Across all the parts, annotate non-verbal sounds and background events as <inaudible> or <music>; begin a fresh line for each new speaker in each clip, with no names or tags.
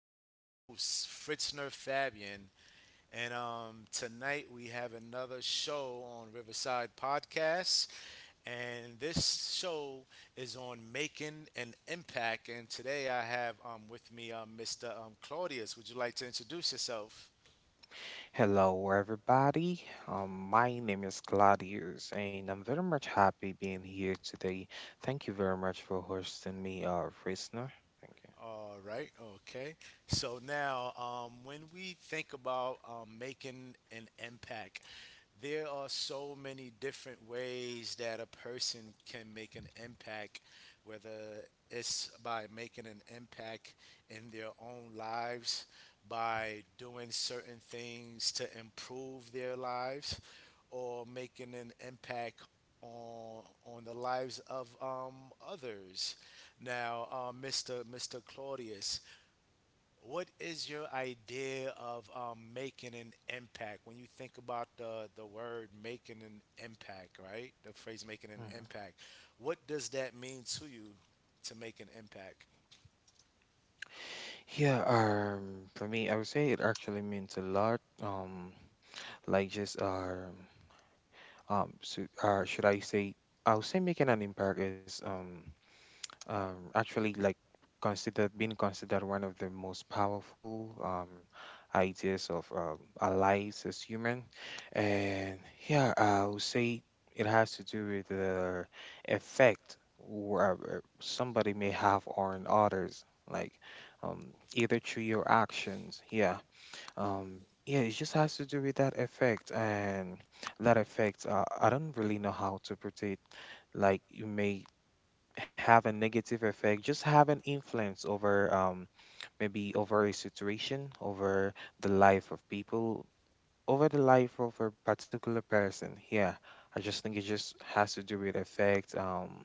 is your host, Fritzner Fabian. And Tonight we have another show on Riverside Podcast. And this show is on making an impact. And today I have with me Mr. Claudius. Would you like to introduce yourself?
Hello, everybody. My name is Gladius, and I'm very much happy being here today. Thank you very much for hosting me, Frisner. Thank
All right, okay. So now, when we think about making an impact, there are so many different ways that a person can make an impact, whether it's by making an impact in their own lives, by doing certain things to improve their lives, or making an impact on the lives of others. Now, Mr. Claudius, what is your idea of making an impact? When you think about the word making an impact, right? The phrase making
you.
an
Mhm.
impact. What does that mean to you to make an impact?
Yeah, for me, I would say it actually means a lot. Like just, so, should I say? I would say making an impact is actually like considered being considered one of the most powerful ideas of our lives as human. And yeah, I would say it has to do with the effect where somebody may have on others, like either through your actions. Yeah. um, yeah, it just has to do with that effect. And that effect, I don't really know how to put it. Like, you may have a negative effect, just have an influence over, maybe over a situation, over the life of people, over the life of a particular person. Yeah, I just think it just has to do with effect.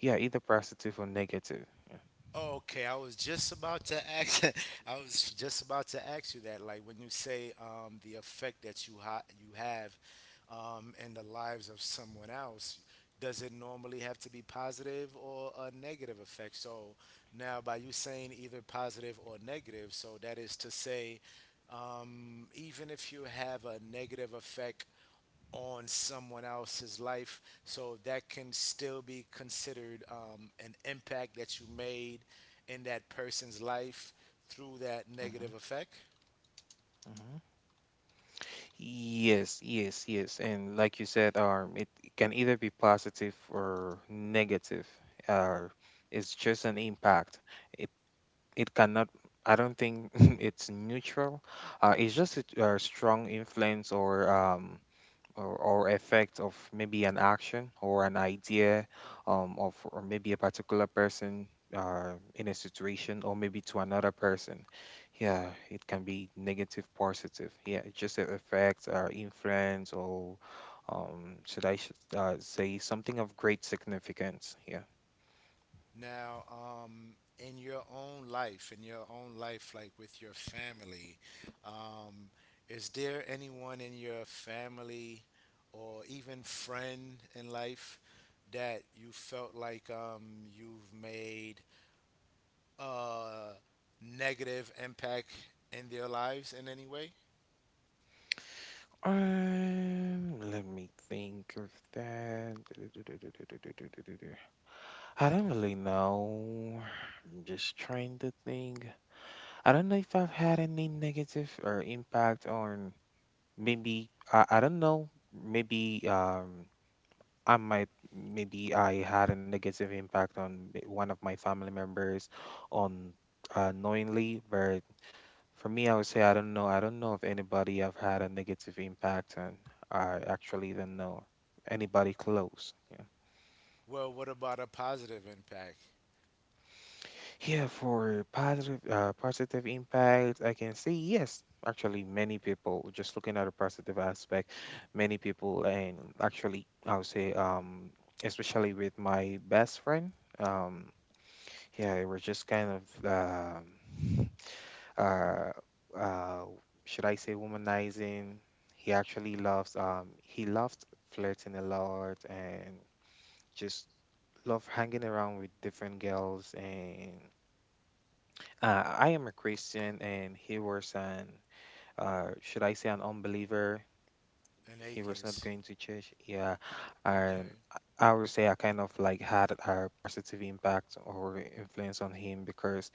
Yeah, either positive or negative. Yeah.
Okay, I was just about to ask. <laughs> I was just about to ask you that. Like when you say the effect that you you have in the lives of someone else, does it normally have to be positive or a negative effect? So now, by you saying either positive or negative, so that is to say, even if you have a negative effect on someone else's life, so that can still be considered an impact that you made in that person's life through that negative
Hmm.
effect.
Hmm. Yes, yes, yes. And like you said, it can either be positive or negative. Uh, it's just an impact. It it cannot, I don't think <laughs> it's neutral. It's just a strong influence, or or effect of maybe an action or an idea, of, or maybe a particular person, in a situation, or maybe to another person. Yeah, it can be negative, positive. Yeah, it just a effect or influence, or should I say, something of great significance. Yeah.
Now, in your own life, in your own life, like with your family, um, is there anyone in your family or even friend in life that you felt like you've made a negative impact in their lives in any way?
Let me think of that. I don't really know. I'm just trying to think. I don't know if I've had any negative or impact on. Maybe I don't know. Maybe, I might, maybe I had a negative impact on, one of my family members, on, knowingly. But for me, I would say I don't know. I don't know if anybody I've had a negative impact on. I actually don't know anybody close. Yeah.
Well, what about a positive impact?
Yeah, for positive, positive impact, I can say yes. Actually, many people, just looking at the positive aspect, many people, and actually, I would say, especially with my best friend, um, yeah, it was just kind of, uh, uh, should I say, womanizing. He actually loves, he loved flirting a lot, and just loved hanging around with different girls. And I am a Christian, and he was an, should I say, an unbeliever.
An
He was not
atheist.
going to church. Yeah. And
Okay.
I would say I kind of like had a positive impact or influence on him, because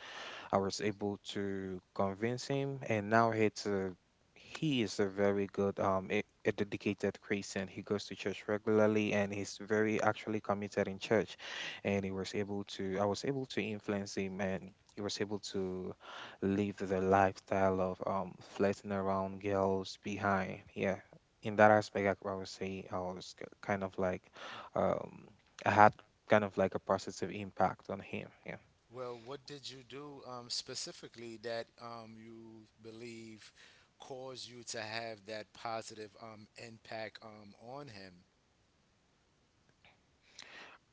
I was able to convince him, and now it's a, he is a very good, a dedicated Christian. He goes to church regularly, and he's very actually committed in church. And he was able to I was able to influence him, and he was able to leave the lifestyle of, flirting around girls behind. Yeah, in that aspect, I would say I was kind of like, um I had kind of like a positive impact on him. Yeah.
Well, what did you do specifically that you believe caused you to have that positive impact on him?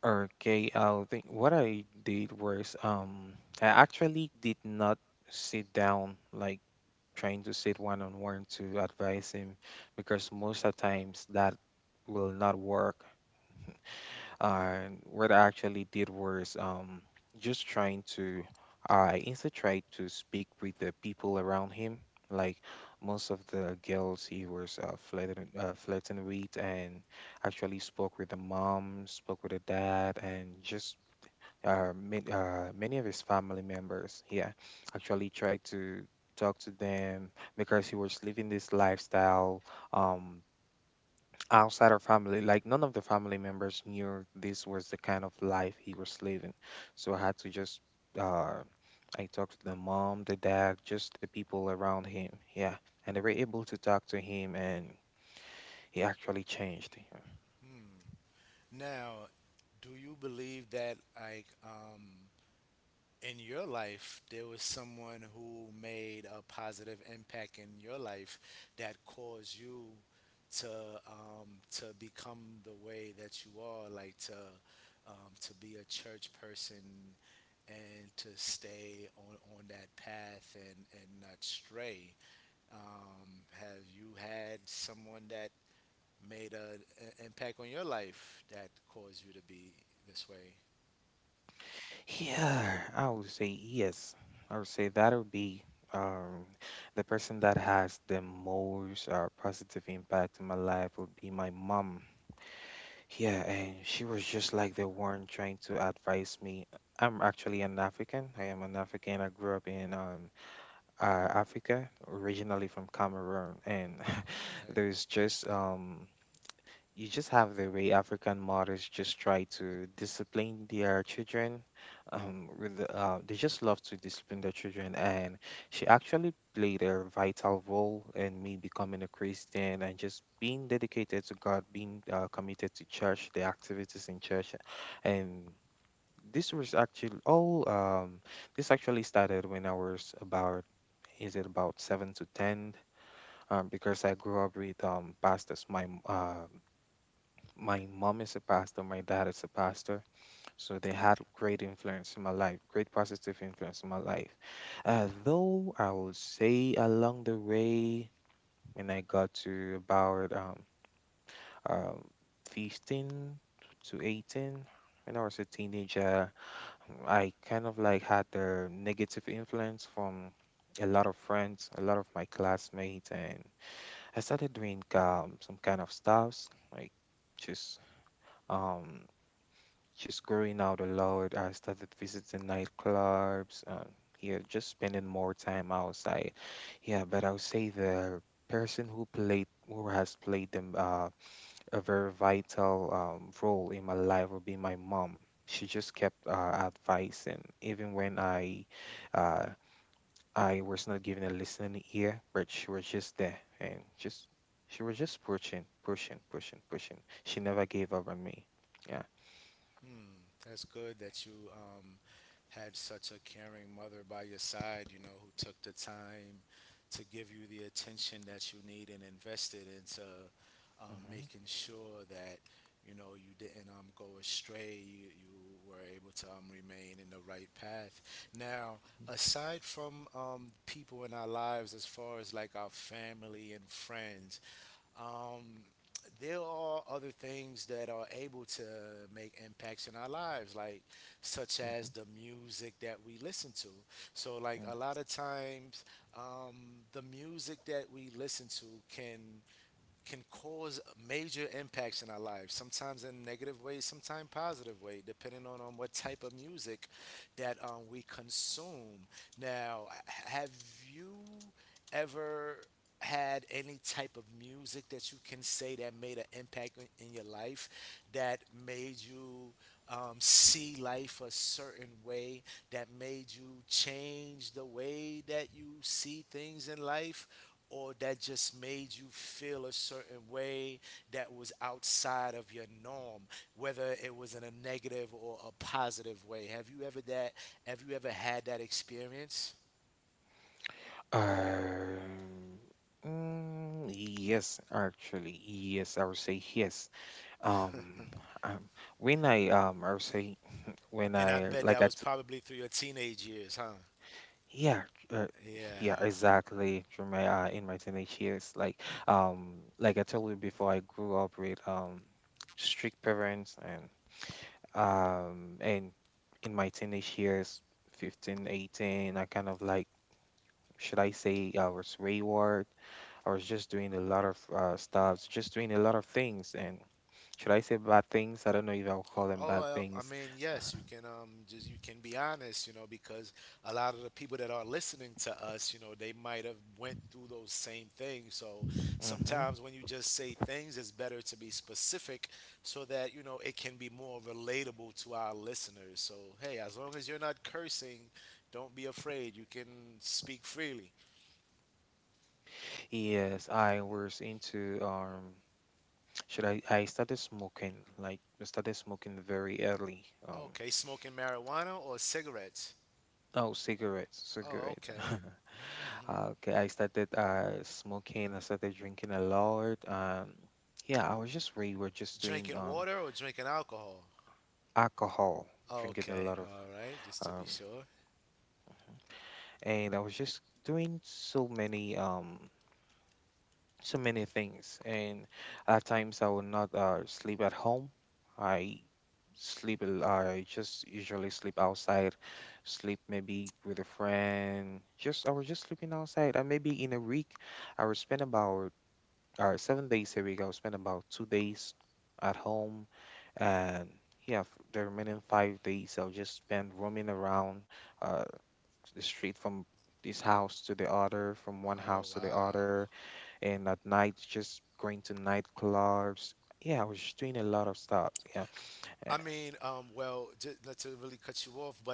Okay, I think what I did was, I actually did not sit down, like trying to sit one on one to advise him, because most of times that will not work. And what I actually did was, just trying to, I instead tried to speak with the people around him. Like most of the girls he was flirting with, and actually spoke with the mom, spoke with the dad, and just, many of his family members. Yeah, actually tried to talk to them, because he was living this lifestyle um, outside of family. Like none of the family members knew this was the kind of life he was living. So I had to just, uh, I talked to the mom, the dad, just the people around him. Yeah, and they were able to talk to him, and he actually changed. Yeah.
Hmm. Now, do you believe that in your life there was someone who made a positive impact in your life that caused you to to become the way that you are, like to be a church person and to stay on that path and not stray? Have you had someone that made an impact on your life that caused you to be this way?
Yeah, I would say yes. I would say that would be, um, the person that has the most, positive impact in my life would be my mom. Yeah, and she was just like the one trying to advise me. I'm actually an African. I am an African. I grew up in uh, Africa, originally from Cameroon, and <laughs>
Okay.
there's just, you just have the way African mothers just try to discipline their children. With the, they just love to discipline their children, and she actually played a vital role in me becoming a Christian and just being dedicated to God, being committed to church, the activities in church. And this was actually all. This actually started when I was about, is it about seven to ten? Because I grew up with pastors. My mom is a pastor, my dad is a pastor, so they had great influence in my life, great positive influence in my life. Though I will say, along the way, when I got to about um 15 to 18, when I was a teenager, I kind of like had the negative influence from a lot of friends, a lot of my classmates. And I started doing some kind of stuffs, like just, um just growing out a lot. I started visiting nightclubs. Yeah, just spending more time outside. Yeah, but I would say the person who played who has played them a very vital role in my life would be my mom. She just kept advising, even when uh, I was not given a listening ear, but she was just there, and just she was just pushing, pushing, pushing, pushing. She never gave up on me. Yeah.
Hmm, that's good that you had such a caring mother by your side, you know, who took the time to give you the attention that you need and invested into making sure that, you know, you didn't go astray. You were able to remain in the right path. Now, aside from people in our lives, as far as like our family and friends, um, there are other things that are able to make impacts in our lives, like such as
Hmm.
the music that we listen to. So, like a
Yeah.
lot of times, the music that we listen to can cause major impacts in our lives. Sometimes in negative ways, sometimes positive way, depending on what type of music that we consume. Now, have you ever had any type of music that you can say that made an impact in your life that made you see life a certain way, that made you change the way that you see things in life, or that just made you feel a certain way that was outside of your norm, whether it was in a negative or a positive way? Have you ever that have you ever had that experience?
Um, yes, actually, yes, I would say yes. Um, um, when I would say, when
And I
I,
bet that
like,
was
at,
probably through your teenage years, huh?
yeah, uh, yeah,
Yeah.
exactly. Through my, in my teenage years, like, like I told you before, I grew up with strict parents, and and in my teenage years, 15, 18, I kind of like, should I say, I was wayward. I was just doing a lot of stuff, just doing a lot of things. And should I say bad things? I don't know if I'll call them bad
Oh, I
things.
mean, yes, you can just you can be honest, you know, because a lot of the people that are listening to us, you know, they might have went through those same things. So
Hmm.
sometimes when you just say things, it's better to be specific so that, you know, it can be more relatable to our listeners. So, hey, as long as you're not cursing, don't be afraid. You can speak freely.
Yes, I was into, should I? I started smoking. Like, I started smoking very early.
Okay, smoking marijuana or cigarettes?
Oh, cigarettes,
Oh,
cigarettes.
okay.
<laughs> Okay, I started smoking. I started drinking a lot. Yeah, I was just, we were just doing,
Drinking water or drinking alcohol?
alcohol, drinking a
Okay,
lot of,
all right, just to be
um
sure.
and I was just doing so many, so many things, and at times I would not sleep at home. I I just usually sleep outside, sleep maybe with a friend. Just, I was just sleeping outside. And maybe in a week, I would spend about, 7 days a week, I would spend about 2 days at home, and, yeah, the remaining 5 days I'll just spend roaming around, uh, straight from this house to the other, from one
Oh,
house to the
wow.
other, and at night just going to nightclubs. Yeah, I was just doing a lot of stuff. Yeah.
I
Uh,
mean, well, not to really cut you off, but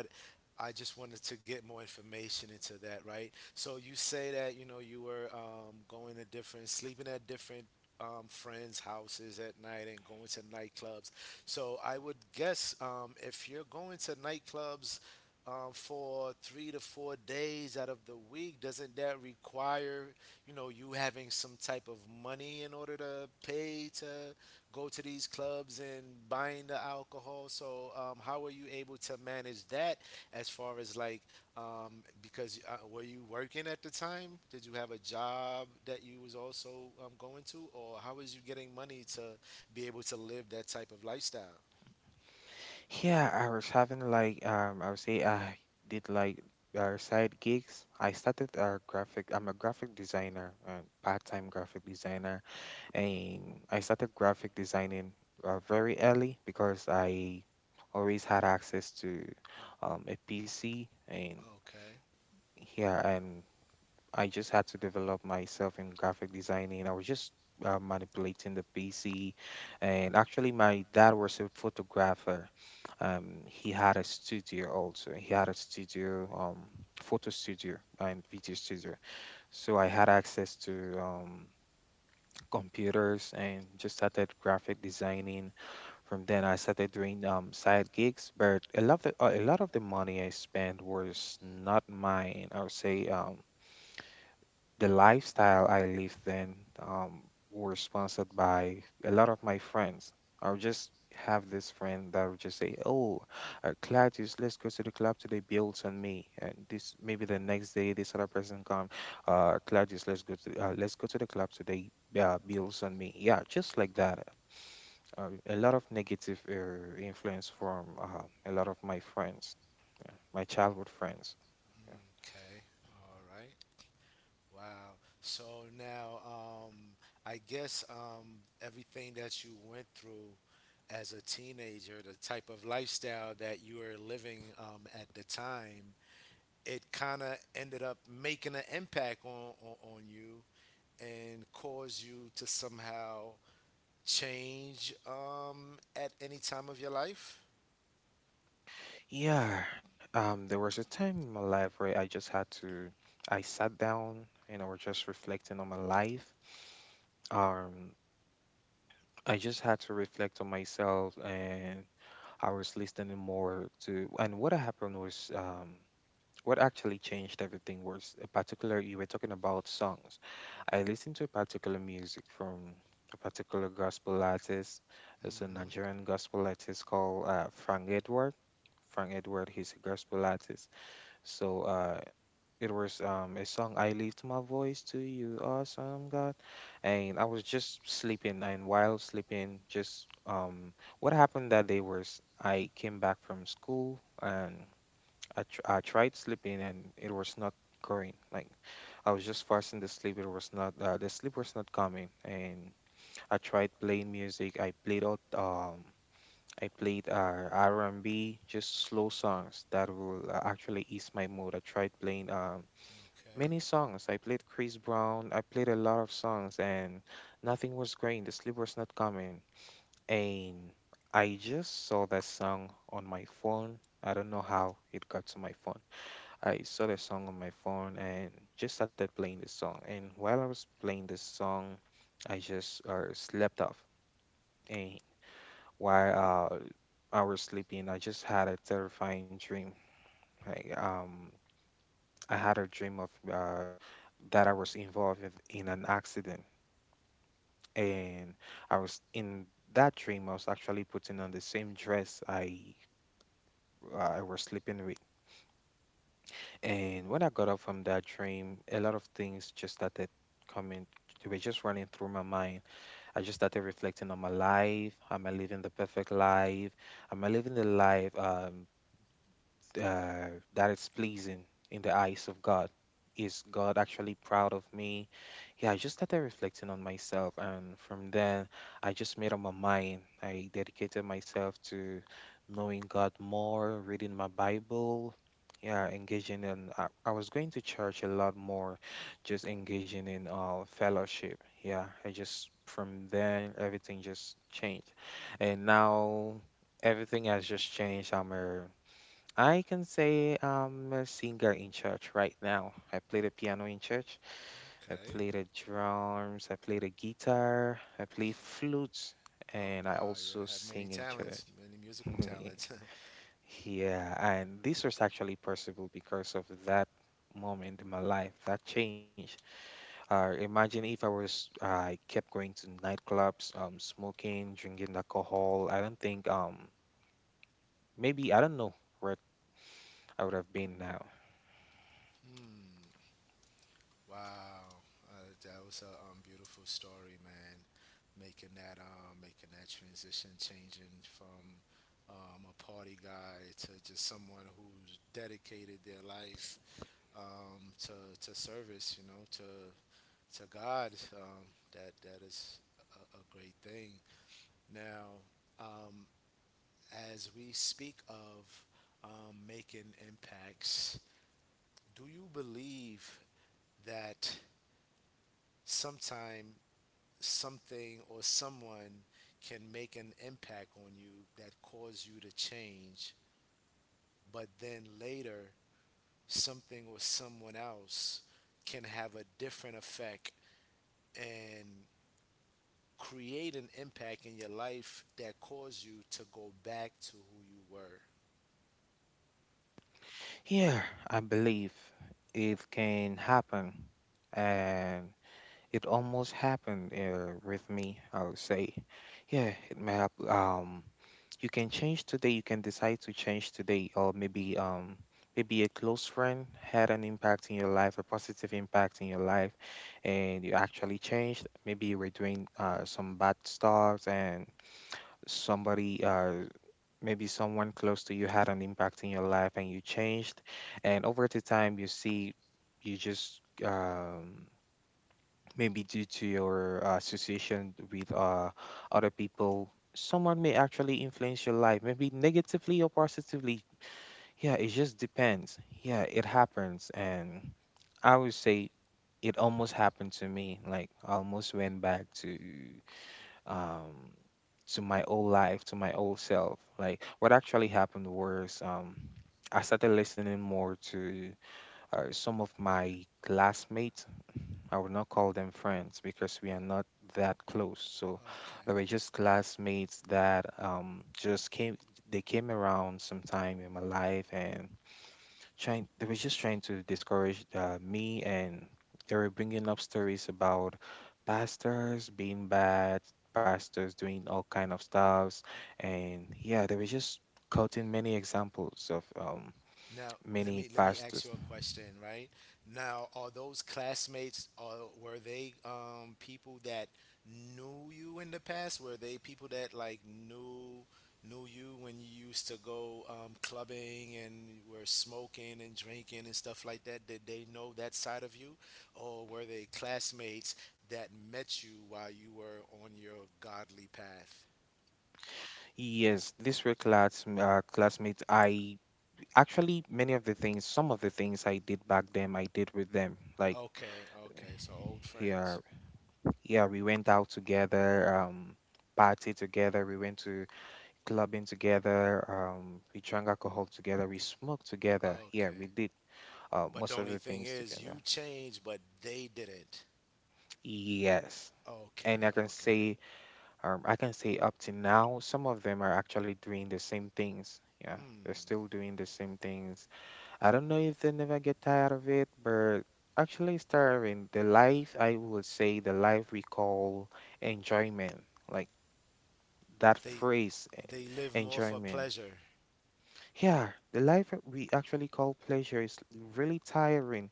I just wanted to get more information into that, right? So you say that, you know, you were going to different, sleeping at different friends' houses at night and going to nightclubs. So I would guess if you're going to nightclubs for three to four days out of the week, doesn't that require, you know, you having some type of money in order to pay to go to these clubs and buying the alcohol? So, how are you able to manage that as far as like, because were you working at the time? Did you have a job that you was also going to, or how is you getting money to be able to live that type of lifestyle?
yeah, I was having like, I would say I did like side gigs. I started a graphic. I'm a graphic designer, a part-time graphic designer, and I started graphic designing very early, because I always had access to a PC, and,
Okay,
yeah, and I just had to develop myself in graphic designing. I was just manipulating the PC, and actually, my dad was a photographer. He had a studio also. He had a studio, photo studio and video studio. So I had access to computers, and just started graphic designing. From then, I started doing side gigs, but a lot of the money I spent was not mine, I would say. The lifestyle I lived in, were sponsored by a lot of my friends. I'll just have this friend that would just say, "Oh, Claudius, let's go to the club today. Builds on me." And this, maybe the next day, this other person come, Claudius, let's go to, the club today. Builds on me. Yeah, just like that. A lot of negative influence from a lot of my friends, my childhood friends. Yeah.
okay, all right. Wow. So now, I guess everything that you went through as a teenager, the type of lifestyle that you were living at the time, it kind of ended up making an impact on you and caused you to somehow change at any time of your life.
Yeah, there was a time in my life where I just had to, I sat down and I was just reflecting on my life. Um, I just had to reflect on myself, and I was listening more to, and what happened was, what actually changed everything was a particular, you were talking about songs. I listened to a particular music from a particular gospel artist. It's a
Hmm.
Nigerian gospel artist called Frank Edward. Frank Edward. He's a gospel artist. So uh, it was a song, I Lift My Voice to You, Awesome God. And I was just sleeping, and while sleeping, just what happened that day was I came back from school and I tried sleeping, and it was not going. Like, I was just forcing the sleep, it was not, the sleep was not coming. And I tried playing music. I played out. I played R&B, just slow songs that will actually ease my mood. I tried playing many
Okay.
songs. I played Chris Brown. I played a lot of songs, and nothing was going. The sleep was not coming, and I just saw that song on my phone. I don't know how it got to my phone. I saw the song on my phone and just started playing this song. And while I was playing this song, I just slept off. And while I was sleeping, I just had a terrifying dream. I, um, I had a dream of that I was involved in an accident, and I was in that dream. I was actually putting on the same dress I was sleeping with, and when I got up from that dream, a lot of things just started coming. They were just running through my mind. I just started reflecting on my life. Am I living the perfect life? Am I living the life? Uh, that is pleasing in the eyes of God. Is God actually proud of me? Yeah, I just started reflecting on myself, and from then, I just made up my mind. I dedicated myself to knowing God more, reading my Bible, yeah, engaging in. I was going to church a lot more, just engaging in fellowship. Yeah, I just from then everything just changed, and now everything has just changed. I can say I'm a singer in church right now. I play the piano in church. I
Okay.
play the drums. I play the guitar. I play flutes,
Oh,
and I
wow. You
also
have
sing
many
in church.
talents, many musical talents.
<laughs>
<laughs>
Yeah, and this was actually possible because of that moment in my life that changed. Imagine if I kept going to nightclubs, smoking, drinking alcohol. I don't think maybe I don't know where I would have been now.
Hmm. Wow, that was a beautiful story, man. Making that transition, changing from a party guy to just someone who's dedicated their life um, to to service, you know, to God. That that is a great thing. Now, um, as we speak of making impacts, do you believe that sometime something or someone can make an impact on you that cause you to change, but then later something or someone else can have a different effect and create an impact in your life that cause you to go back to who you were?
Yeah, I believe it can happen, and it almost happened with me. I would say, yeah, it may have. You can change today. You can decide to change today, or maybe a close friend had an impact in your life, a positive impact in your life, and you actually changed. Maybe you were doing some bad stuff, and somebody maybe someone close to you had an impact in your life and you changed, and over the time you see you just maybe due to your association with other people, someone may actually influence your life maybe negatively or positively. Yeah, it just depends. Yeah, it happens, and I would say it almost happened to me. Like I almost went back um, to my old life, to my old self. Like what actually happened was I started listening more to some of my classmates. I would not call them friends because we are not that close. So they were
Okay.
just classmates that just came. They came around sometime in my life and trying they were just trying to discourage me, and they were bringing up stories about pastors being bad, pastors doing all kind of stuffs. And yeah, they were just quoting many examples of
Now,
many
let me
pastors.
ask you a question, right? Now, are those classmates, or were they people that knew you in the past? Were they people that like knew you when you used to go clubbing and were smoking and drinking and stuff like that? Did they know that side of you? Or were they classmates that met you while you were on your godly path?
Yes, these were classmates. I actually many of the things, some of the things I did back then I did with them. Like
Okay, okay. So old
here,
friends.
yeah, we went out together, party together. We went to clubbing together. We drank alcohol together. We smoked together. Yeah, we
Okay.
did
But
most
the
of
only
the
thing
things
is,
together.
you changed, but they didn't.
Yes. And
Okay, okay.
I can say up to now, some of them are actually doing the same things. Yeah, they're
Hmm.
still doing the same things. I don't know if they never get tired of it, but actually, starving the life, I would say the life we call enjoyment, like that
They
phrase,
they live more for
enjoyment.
pleasure.
Yeah, the life that we actually call pleasure is really tiring.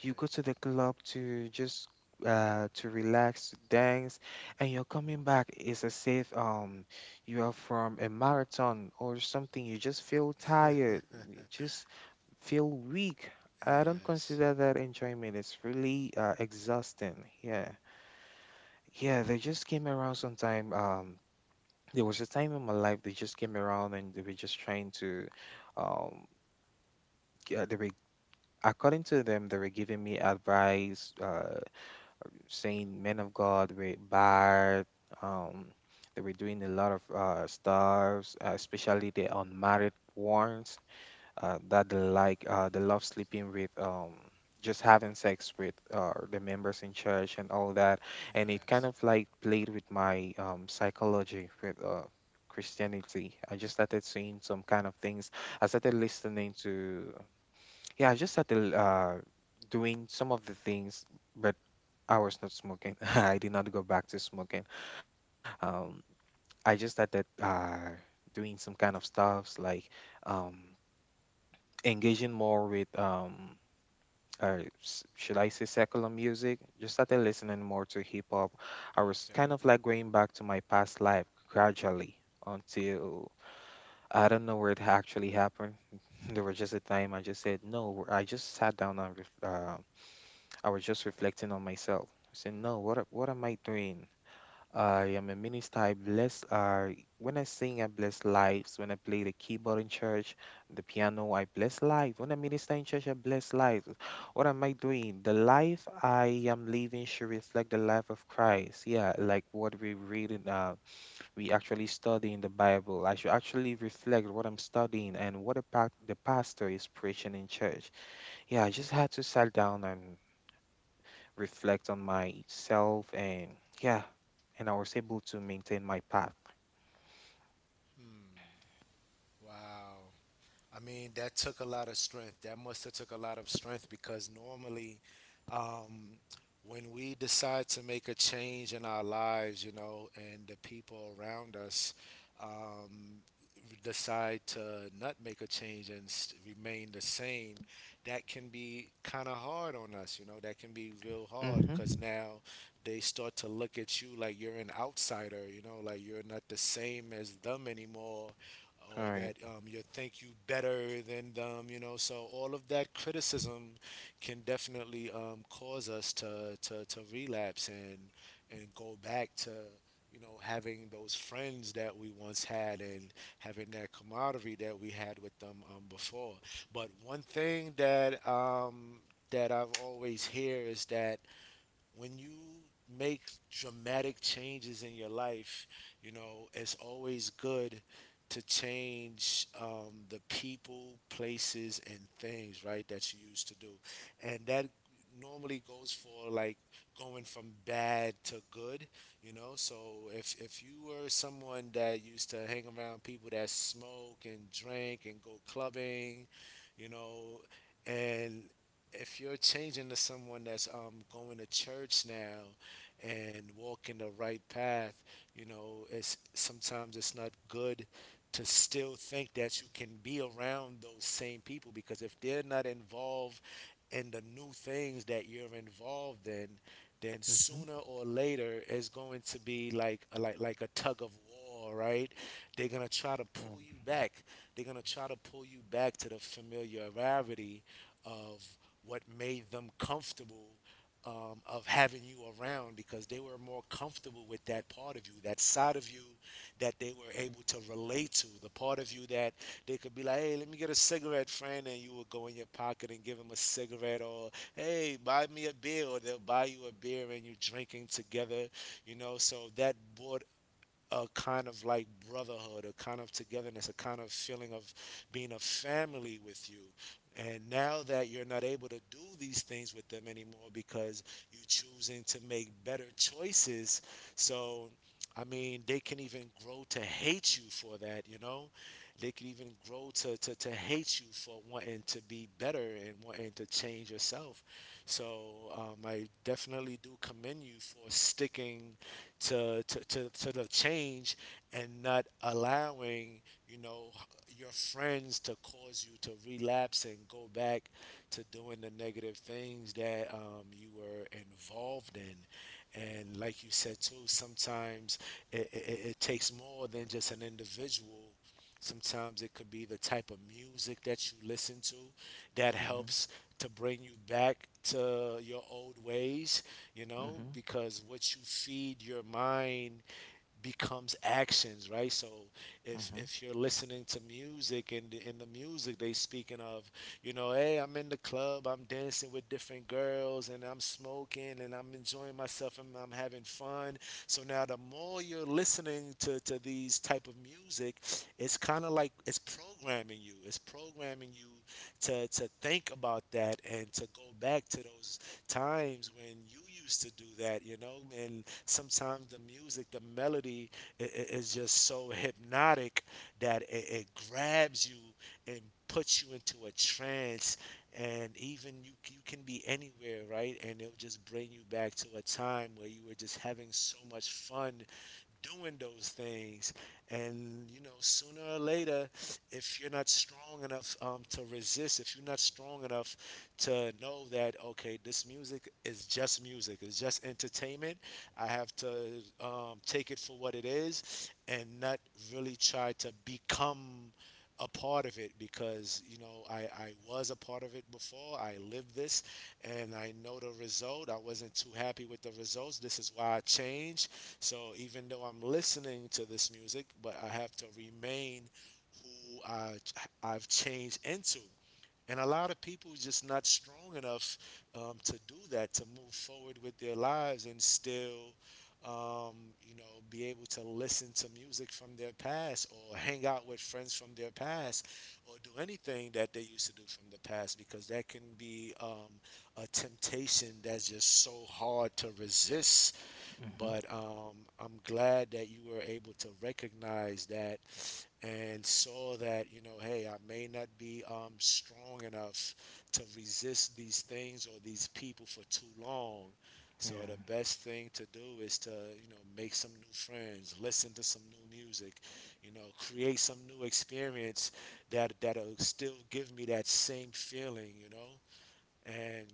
You go to the club to just to relax, to dance, and you're coming back. It's as if you are from a marathon or something. You just feel tired. You
<laughs>
just feel weak. I don't
Yes.
consider that enjoyment. It's really exhausting. Yeah. Yeah, they just came around sometime. There was a time in my life they just came around and they were just trying to um, they were, according to them, they were giving me advice, saying men of God were bad. um they were doing a lot of stuff, especially the unmarried ones, that they like they love sleeping with, just having sex with the members in church and all that. And it kind of like played with my psychology with Christianity. I just started seeing some kind of things. I started listening to, yeah, I just started doing some of the things, but I was not smoking. <laughs> I did not go back to smoking. Um, I just started doing some kind of stuffs like um, engaging more with, should I say, secular music. Just started listening more to hip hop. I was
Okay.
kind of like going back to my past life gradually until I don't know where it actually happened. <laughs> There was just a time I just said no. I just sat down and I was just reflecting on myself. I said, no, what am I doing? I am a minister. I bless. When I sing, I bless lives. When I play the keyboard in church, the piano, I bless lives. When I minister in church, I bless lives. What am I doing? The life I am living should reflect the life of Christ. Yeah, like what we read in, we actually study in the Bible. I should actually reflect what I'm studying and what the pastor is preaching in church. Yeah, I just had to sit down and reflect on myself, and yeah, and I was able to maintain my path.
Hmm. Wow. I mean, that took a lot of strength. That must have took a lot of strength because normally, um, when we decide to make a change in our lives, you know, and the people around us um, decide to not make a change and s remain the same, that can be kind of hard on us. You know, that can be real hard
Mm-hmm.
because now they start to look at you like you're an outsider. You know, like you're not the same as them anymore,
All
or that
right.
you think you better than them, you know. So all of that criticism can definitely cause us to relapse and go back to, you know, having those friends that we once had and having that camaraderie that we had with them before. But one thing that that I've always hear is that when you make dramatic changes in your life, you know, it's always good to change the people, places, and things, right, that you used to do. And that normally goes for like going from bad to good, you know. So if you were someone that used to hang around people that smoke and drink and go clubbing, you know, and if you're changing to someone that's going to church now and walking the right path, you know, it's sometimes it's not good to still think that you can be around those same people, because if they're not involved in the new things that you're involved in, then
Mm-hmm.
sooner or later it's going to be like a, like like a tug of war, right? They're gonna try to
Yeah.
pull you back. They're gonna try to pull you back to the familiarity of what made them comfortable, of having you around because they were more comfortable with that part of you, that side of you that they were able to relate to, the part of you that they could be like, hey, let me get a cigarette, friend, and you would go in your pocket and give them a cigarette, or hey, buy me a beer, or they'll buy you a beer and you're drinking together, you know. So that brought a kind of like brotherhood, a kind of togetherness, a kind of feeling of being a family with you. And now that you're not able to do these things with them anymore because you're choosing to make better choices, so I mean, they can even grow to hate you for that, you know? They can even grow to hate you for wanting to be better and wanting to change yourself. So I definitely do commend you for sticking to the change and not allowing you know your friends to cause you to relapse and go back to doing the negative things that you were involved in. And like you said too, sometimes it takes more than just an individual. Sometimes it could be the type of music that you listen to that
Mm-hmm.
helps to bring you back to your old ways,
Mm-hmm.
because what you feed your mind becomes actions, right? So if
Mm-hmm.
if you're listening to music and in the music they speaking of, hey, I'm in the club, I'm dancing with different girls and I'm smoking and I'm enjoying myself and I'm having fun. So now the more you're listening to these type of music, it's kind of like it's programming you, it's programming you to think about that and to go back to those times when you used to do that. And sometimes the music, the melody is just so hypnotic that it grabs you and puts you into a trance. And even you can be anywhere, right? And it'll just bring you back to a time where you were just having so much fun doing those things. And, sooner or later, if you're not strong enough to resist, if you're not strong enough to know that, okay, this music is just music, it's just entertainment, I have to take it for what it is and not really try to become a part of it. Because I was a part of it before. I lived this and I know the result. I wasn't too happy with the results. This is why I changed. So even though I'm listening to this music, but I have to remain who I've changed into. And a lot of people just not strong enough to do that, to move forward with their lives and still, um, you know, be able to listen to music from their past or hang out with friends from their past or do anything that they used to do from the past because that can be a temptation that's just so hard to resist.
Mm-hmm.
But I'm glad that you were able to recognize that and saw that, hey, I may not be strong enough to resist these things or these people for too long. So
Yeah.
the best thing to do is to make some new friends, listen to some new music, create some new experience that that'll still give me that same feeling, you know. And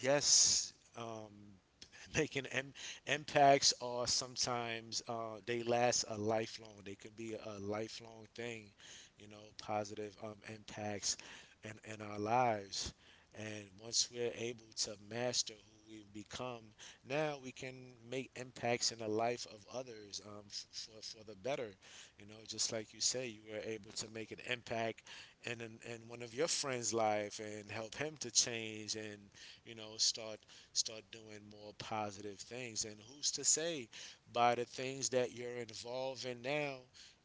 yes, <laughs> making im- impacts are sometimes they last a lifelong. They can be a lifelong thing, positive impacts in our lives. And once we're able to master who we've become, now we can make impacts in the life of others, for the better. You know, just like you say, you were able to make an impact in one of your friend's life and help him to change and, you know, start start doing more positive things. And who's to say by the things that you're involved in now,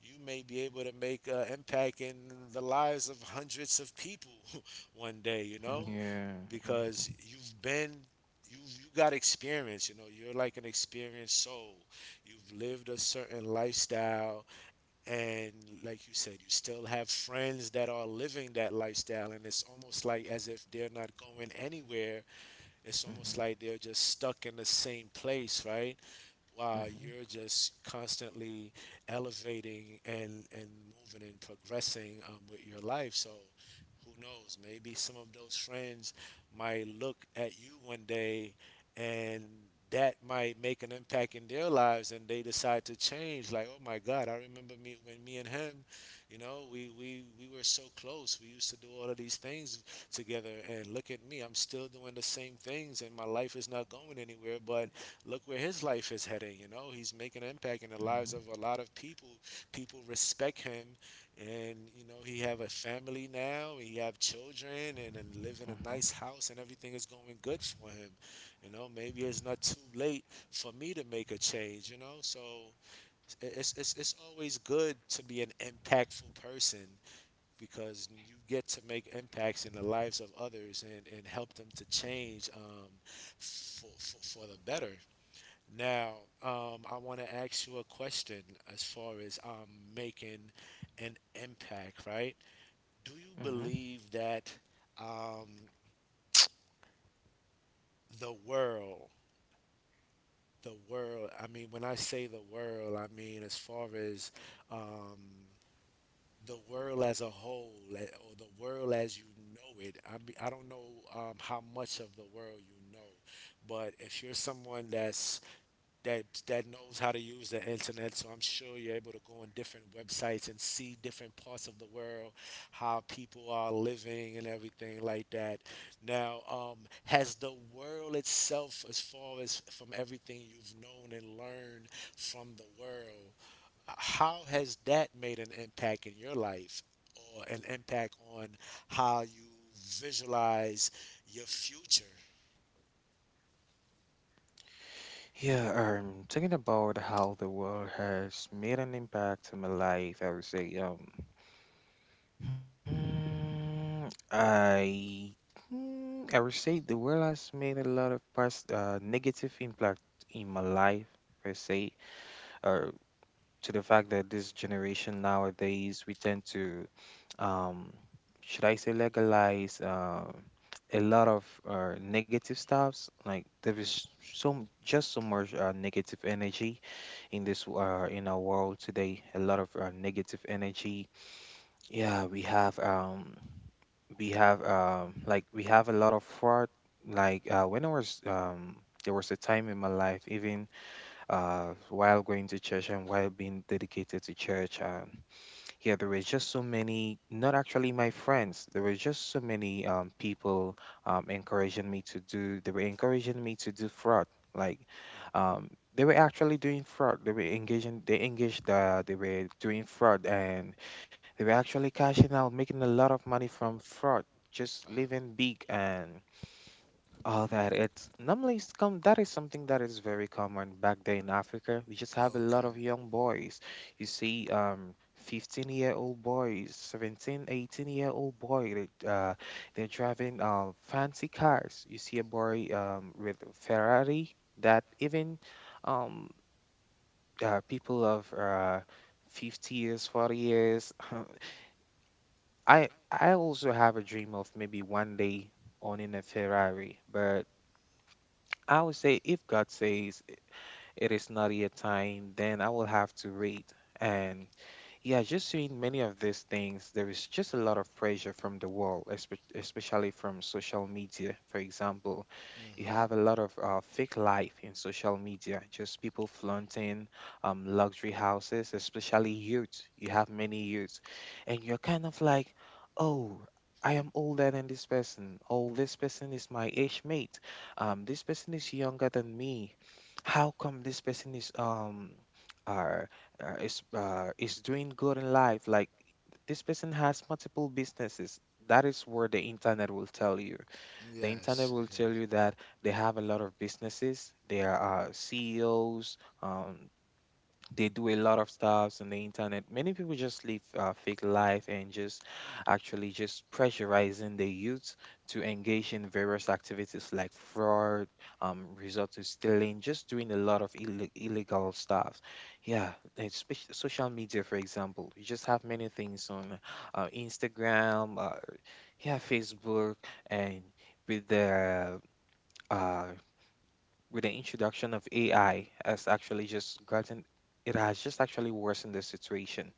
you may be able to make an impact in the lives of hundreds of people <laughs> one day, you
Mhm.
know,
Yeah.
because
Mm-hmm.
you've been. You got experience, you know. You're like an experienced soul. You've lived a certain lifestyle, and like you said, you still have friends that are living that lifestyle, and it's almost like as if they're not going anywhere. It's
Mm-hmm.
almost like they're just stuck in the same place, right? While you're just constantly elevating and moving and progressing with your life. So who knows? Maybe some of those friends might look at you one day and that might make an impact in their lives and they decide to change, like, oh my God, I remember me when me and him, we were so close, we used to do all of these things together and look at me, I'm still doing the same things and my life is not going anywhere, but look where his life is heading. You know, he's making an impact in the lives of
Mm-hmm.
a lot of people. People respect him, and you know, he have a family now. He have children, and live in a nice
Mm-hmm.
house, and everything is going good for him. You know, maybe it's not too late for me to make a change. You know, so it's always good to be an impactful person, because you get to make impacts in the lives of others and help them to change, for the better. Now, I want to ask you a question as far as making an impact, right? Do you
Mm-hmm.
believe that um, <tsk> the world, the world, I mean, when I say the world, I mean as far as um, the world as a whole, or the world as you know it? I mean, I don't know how much of the world you know, but if you're someone that knows how to use the internet. So I'm sure you're able to go on different websites and see different parts of the world, how people are living and everything like that. Now, has the world itself, as far as from everything you've known and learned from the world, how has that made an impact in your life or an impact on how you visualize your future?
Yeah, thinking about how the world has made an impact on my life, I would say, Hmm, I I would say the world has made a lot of past negative impact in my life per se, or to the fact that this generation nowadays we tend to, um, should I say legalize a lot of negative stuffs. Like there is just so much negative energy in this in our world today. A lot of negative energy. Yeah, we have like we have a lot of fraud, like when I was, there was a time in my life, even while going to church and while being dedicated to church, and yeah, there was just so many, not actually my friends, there were just so many people, encouraging me to do they were encouraging me to do fraud. Like um, they were actually doing fraud. They engaged, they were doing fraud, and they were actually cashing out making a lot of money from fraud, just
Wow.
living big. And oh, that it's normally it's come. That is something that is very common back there in Africa. We just have a lot
Okay.
of young boys. You see, 15-year-old boys, 1718 year old boy. They, they're driving fancy cars. You see a boy with a Ferrari that even um, people of 50 years, 40 years. <laughs> I also have a dream of maybe one day owning a Ferrari, but. I would say if God says it is not yet time, then I will have to wait, and yeah, just seeing many of these things, there is just a lot of pressure from the world, especially from social media. For example, you have a lot of fake life in social media, just people flaunting luxury houses, especially youth. You have many youths, and you're kind of like, oh, I am older than this person. Oh, this person is my age mate. This person is younger than me. How come this person is um? uh, is doing good in life, like this person has multiple businesses that is where the internet will tell you The
Yeah.
internet will tell you that they have a lot of businesses, they are ceos, they do a lot of stuffs on the internet. Many people just live fake life and just actually just pressurizing the youth to engage in various activities like fraud, resort to stealing, just doing a lot of illegal stuff. Yeah, and social media, for example, you just have many things on Instagram, yeah, Facebook, and with the uh, with the introduction of AI has actually just gotten it has just actually worsened the situation.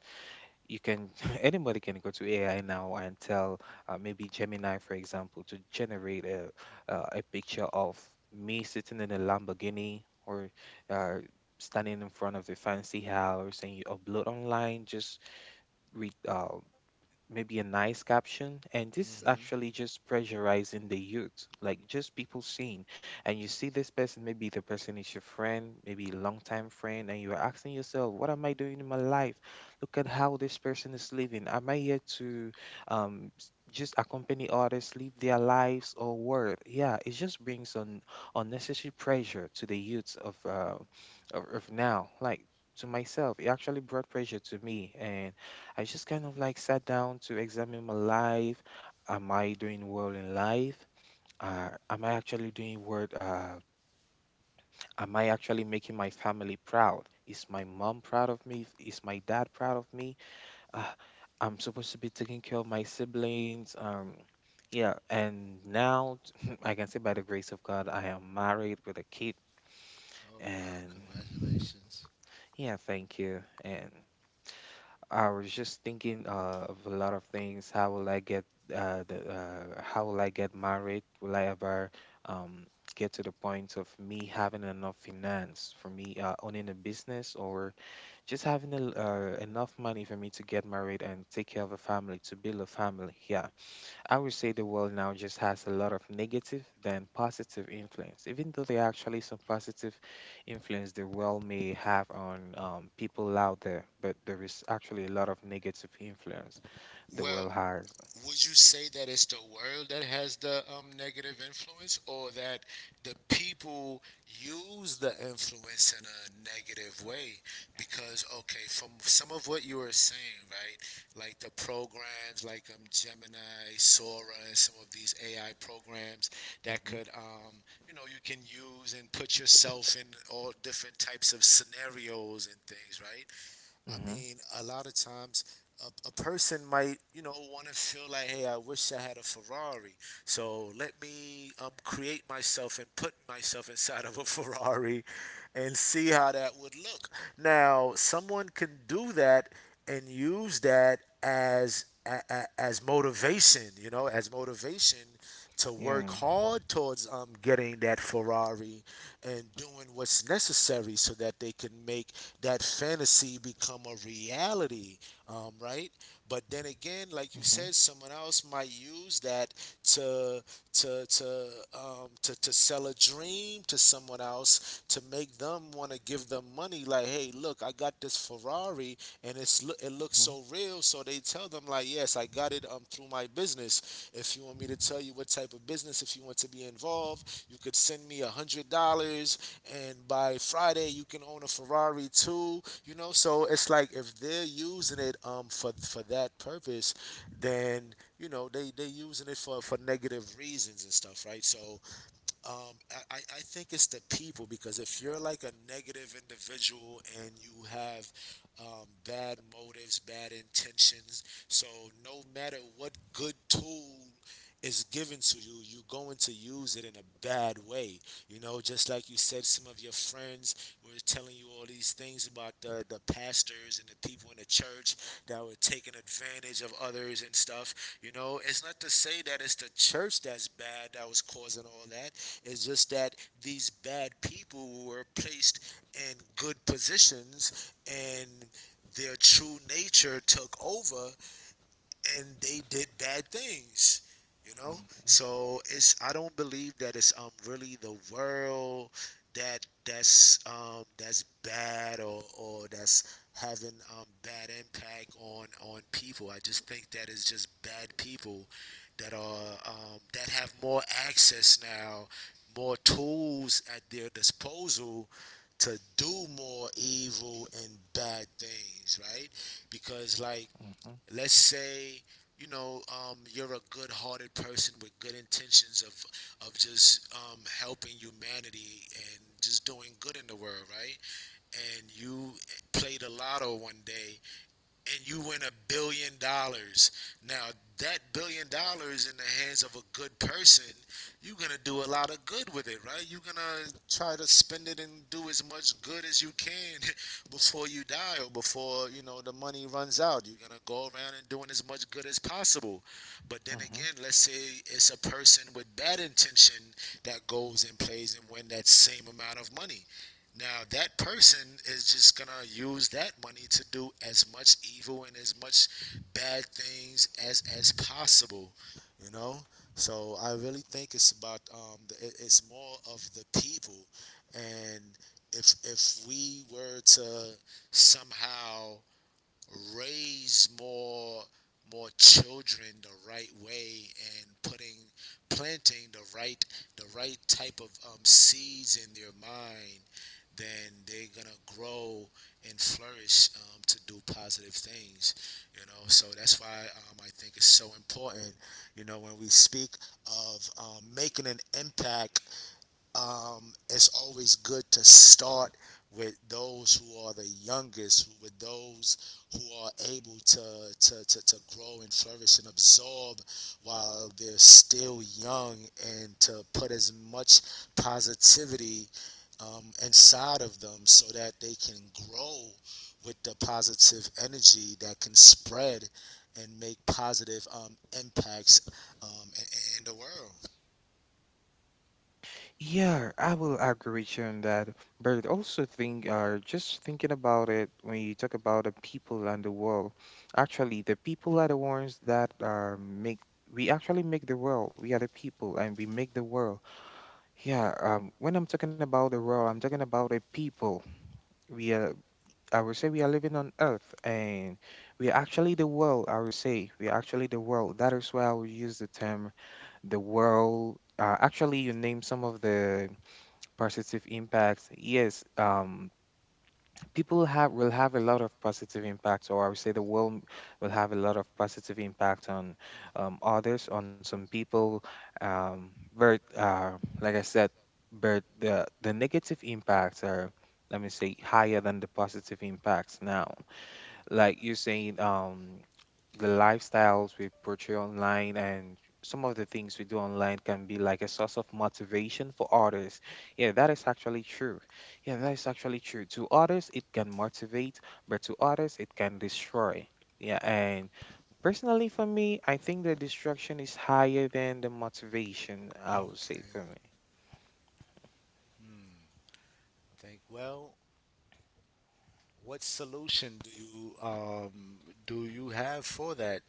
You can <laughs> anybody can go to AI now and tell, maybe Gemini, for example, to generate a, a picture of me sitting in a Lamborghini or uh, standing in front of a fancy house, and you upload online, just read. Maybe a nice caption, and this is actually just pressurizing the youth, like just people seeing. And you see this person, maybe the person is your friend, maybe a longtime friend, and you're asking yourself, what am I doing in my life? Look at how this person is living. Am I here to just accompany others live their lives or what? Yeah, it just brings on unnecessary pressure to the youths of now, like to myself, it actually brought pressure to me, and I just kind of like sat down to examine my life. Am I doing well in life? Am I actually doing what? Am I actually making my family proud? Is my mom proud of me? Is my dad proud of me? Uh, I'm supposed to be taking care of my siblings. Yeah, and now <laughs> I can say by the grace of God, I am married with a kid.
Oh wow.
And
Congratulations.
yeah, thank you. And I was just thinking of a lot of things. How will I get the how will I get married? Will I ever um, get to the point of me having enough finance for me owning a business, or just having a, enough money for me to get married and take care of a family, to build a family? Yeah. I would say the world now just has a lot of negative than positive influence, even though there are actually some positive influence the world may have on people out there, but there is actually a lot of negative influence the
Well,
world has.
would you say that it's the world that has the negative influence, or that the people use the influence in a negative way? Because, okay, from some of what you were saying, right, like the programs, like Gemini, Sora, and some of these AI programs that
Hmm
could, you know, you can use and put yourself in all different types of scenarios and things, right? I
hmm
mean, a lot of times a person might, you know, want to feel like, hey, I wish I had a Ferrari. So let me create myself and put myself inside of a <laughs> Ferrari and see how that would look. Now, someone can do that and use that as motivation, you know, as motivation to work
Yeah.
hard towards getting that Ferrari and doing what's necessary so that they can make that fantasy become a reality, right? But then again, like you
hmm
said, someone else might use that to to sell a dream to someone else to make them want to give them money. Like, hey, look, I got this Ferrari, and it's it looks
hmm
so real. So they tell them like, yes, I got it through my business. If you want me to tell you what type of business, if you want to be involved, you could send me $100, and by Friday you can own a Ferrari too. You know, so it's like if they're using it for that purpose, then you know they using it for negative reasons and stuff, right? So I think it's the people, because if you're like a negative individual and you have bad motives, bad intentions, so no matter what good tool is given to you, you're going to use it in a bad way. You know, just like you said, some of your friends were telling you all these things about the pastors and the people in the church that were taking advantage of others and stuff. You know, it's not to say that it's the church that's bad that was causing all that. It's just that these bad people were placed in good positions and their true nature took over and they did bad things you know so it's I don't believe that it's really the world that's bad or that's having bad impact on people. I just think that it's just bad people that have more access now, more tools at their disposal to do more evil and bad things, right? Because, like,
hmm
let's say, you're a good-hearted person with good intentions of just helping humanity and just doing good in the world, right? And you played the lotto one day and you win $1 billion. Now, that $1 billion in the hands of a good person, you're going to do a lot of good with it, right? You're going to try to spend it and do as much good as you can <laughs> before you die or before, you know, the money runs out. You're going to go around and doing as much good as possible. But then
hmm
again, let's say it's a person with bad intention that goes and plays and win that same amount of money. Now, that person is just going to use that money to do as much evil and as much bad things as possible, you know? So I really think it's about it's more of the people and if we were to somehow raise more children the right way and putting planting the right type of seeds in their mind. Then they're gonna grow and flourish to do positive things. So that's why I think it's so important, you know, when we speak of making an impact. It's always good to start with those who are the with those who are able to grow and flourish and absorb while they're still young, and to put as much positivity inside of them so that they can grow with the positive energy that can spread and make positive impacts in the world.
Yeah, I will agree with you on that. But also think, just thinking about it, when you talk about the people and the world, actually, the people are the ones that make we actually make the world. We are the people, and we make the world. Yeah. When I'm talking about the world, I'm talking about the people. We are. I would say we are living on Earth, and we are actually the world. I would say we are actually the world. That is why I would use the term the world. Actually, you name some of the positive impacts. Yes, people have will have a lot of positive impacts, or I would say the world will have a lot of positive impact on others, on some people. Um, but like I said, but the negative impacts are, let me say, higher than the positive impacts. Now, like you're saying, the lifestyles we portray online and some of the things we do online can be like a source of motivation for others. Yeah, that is actually true. Yeah, that is actually true. To others, it can motivate, but to others, it can destroy. Yeah, and personally for me, I think the destruction is higher than the motivation, I
Oh,
would
okay.
say for me.
Hmm. Think, well, what solution do you have for that,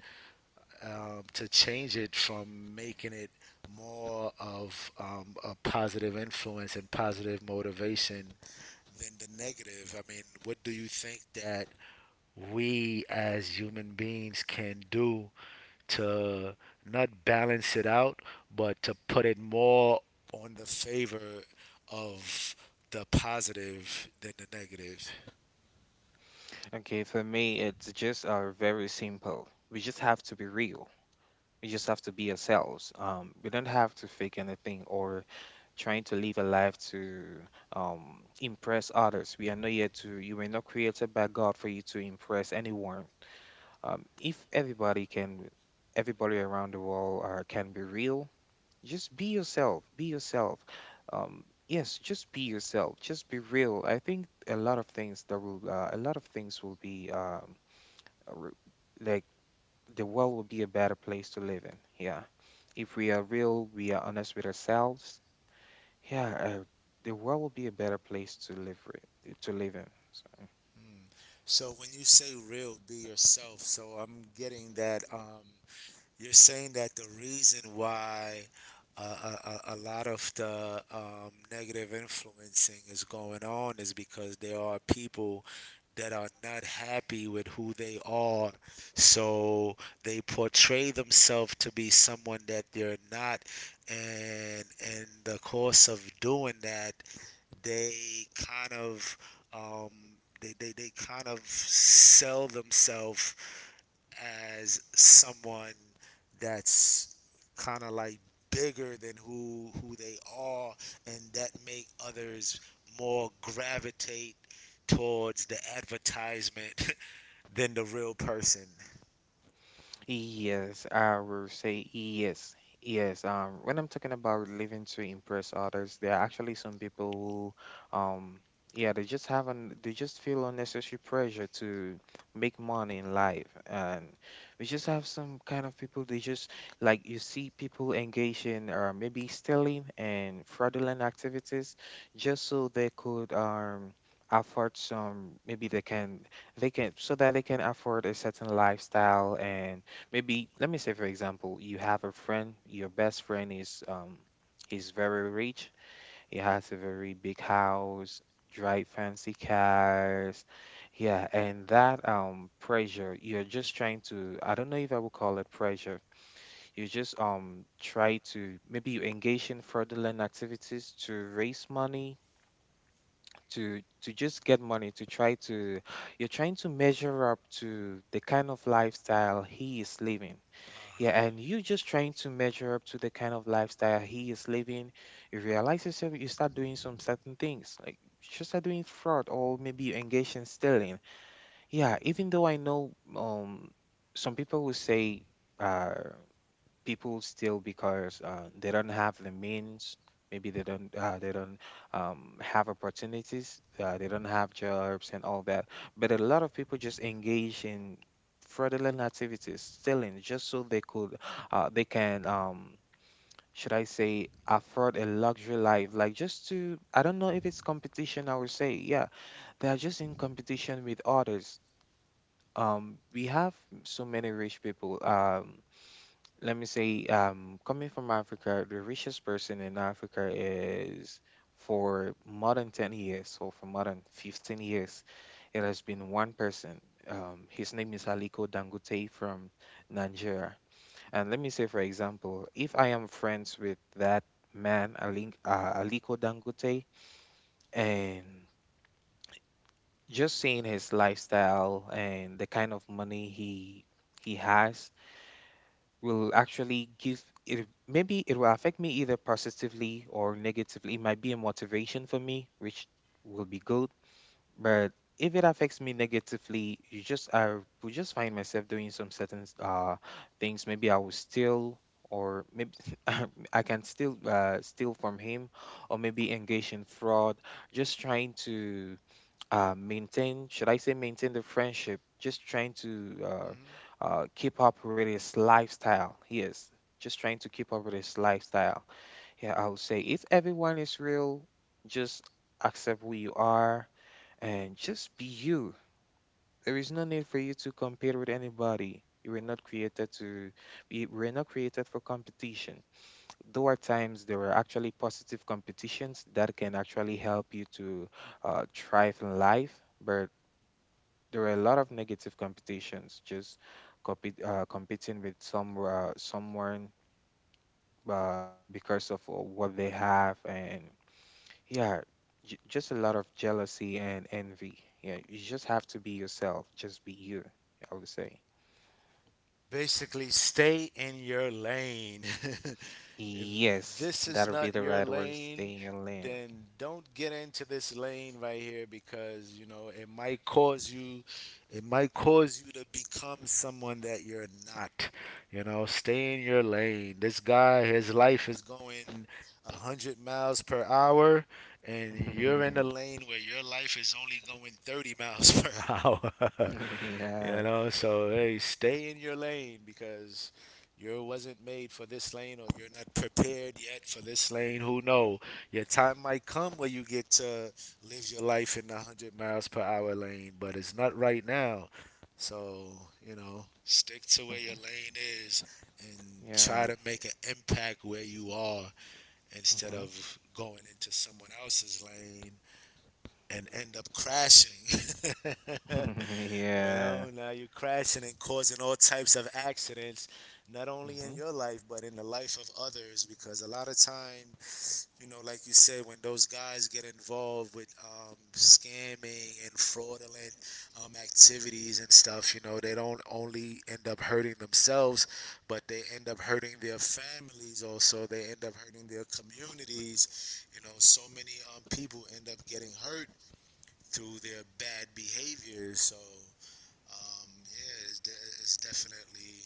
to change it from making it more of a positive influence and positive motivation than the negative? I mean, what do you think that we as human beings can do to not balance it out, but to put it more on the favor of the positive than the negative?
Okay, for me, it's just very simple. We just have to be real. We just have to be ourselves. We don't have to fake anything or trying to live a life to impress others. We are not yet to, you were not created by God for you to impress anyone. If everybody can, everybody around the world can be real, just be yourself, be yourself. Yes, just be yourself, just be real. I think a lot of things that will, a lot of things will be uh, re- like the world will be a better place to live in. Yeah. If we are real, we are honest with ourselves, yeah, the world will be a better place to live to live in. So,
Mm. So when you say real, be yourself. So I'm getting that you're saying that the reason why uh, a lot of the negative influencing is going on is because there are people that are not happy with who they are. So they portray themselves to be someone that they're not. And in the course of doing that, they kind of um, they kind of sell themselves as someone that's kind of like bigger than who they are, and that make others more gravitate towards the advertisement <laughs> than the real person.
yes, I will say yes. Yes, when I'm talking about living to impress others, there are actually some people who, yeah, they just haven't, they just feel unnecessary pressure to make money in life. And we just have some kind of people, they just, like, you see people engage in maybe stealing and fraudulent activities just so they could, afford some, maybe they can, so that they can afford a certain lifestyle. And maybe, let me say, for example, you have a friend, your best friend is he's very rich, he has a very big house, drive fancy cars. Yeah, and that pressure, you're just trying to, I don't know if I would call it pressure, you just try to, maybe you engage in fraudulent activities to raise money to just get money to try to, you're trying to measure up to the kind of lifestyle he is living.
Uh huh.
Yeah, and you just trying to measure up to the kind of lifestyle he is living. You realize yourself, you start doing some certain things, like you should start doing fraud or maybe you engage in stealing. Yeah, even though I know some people will say uh people still because they don't have the means, maybe they don't have opportunities, they don't have jobs and all that, but a lot of people just engage in fraudulent activities, stealing, just so they could, they can should I say afford a luxury life, like just to, I don't know if it's competition, I would say, yeah, they are just in competition with others. Um, we have so many rich people. Let me say, coming from Africa, the richest person in Africa is for more than 10 years, so for more than 15 years, it has been one person. His name is Aliko Dangote from Nigeria. And let me say, for example, if I am friends with that man, Aliko Dangote, and just seeing his lifestyle and the kind of money he has, will actually give it, maybe it will affect me either positively or negatively. It might be a motivation for me, which will be good, but if it affects me negatively, you just I will just find myself doing some certain things, maybe I will steal, or maybe <laughs> I can still steal from him, or maybe engage in fraud, just trying to maintain, should I say maintain the friendship, just trying to
Hmm.
keep up with his lifestyle. Yes, just trying to keep up with his lifestyle. Yeah, I would say if everyone is real, just accept who you are and just be you. There is no need for you to compete with anybody. You were not created to We were not created for competition, though at times there are actually positive competitions that can actually help you to thrive in life. But there were a lot of negative competitions, just competing with someone because of what they have. And yeah, just a lot of jealousy and envy. Yeah, you just have to be yourself, just be you, I would say.
Basically, stay in your lane. <laughs> If
Yes,
this is
that'll be
not
the
your
right word,
lane,
stay in your lane.
then don't get into this lane right here because, you know, it might cause you to become someone that you're not. You know, stay in your lane. This guy, his life is going 100 miles per hour, and you're in a lane where your life is only going 30 miles <laughs> per hour.
<laughs>
You
yeah
know, so hey, stay in your lane because you wasn't made for this lane, or you're not prepared yet for this lane. Who know? Your time might come where you get to live your life in the 100 miles per hour lane, but it's not right now. So, you know, stick to where your
hmm
lane is and try
yeah
to make an impact where you are instead of going into someone else's lane and end up crashing. <laughs>
hmm
You
<laughs> yeah
know, now you're crashing and causing all types of accidents, not only in
hmm
your life, but in the life of others. Because a lot of time, you know, like you said, when those guys get involved with scamming and fraudulent activities and stuff, you know, they don't only end up hurting themselves, but they end up hurting their families also. They end up hurting their communities. You know, so many people end up getting hurt through their bad behavior. So, yeah, it's definitely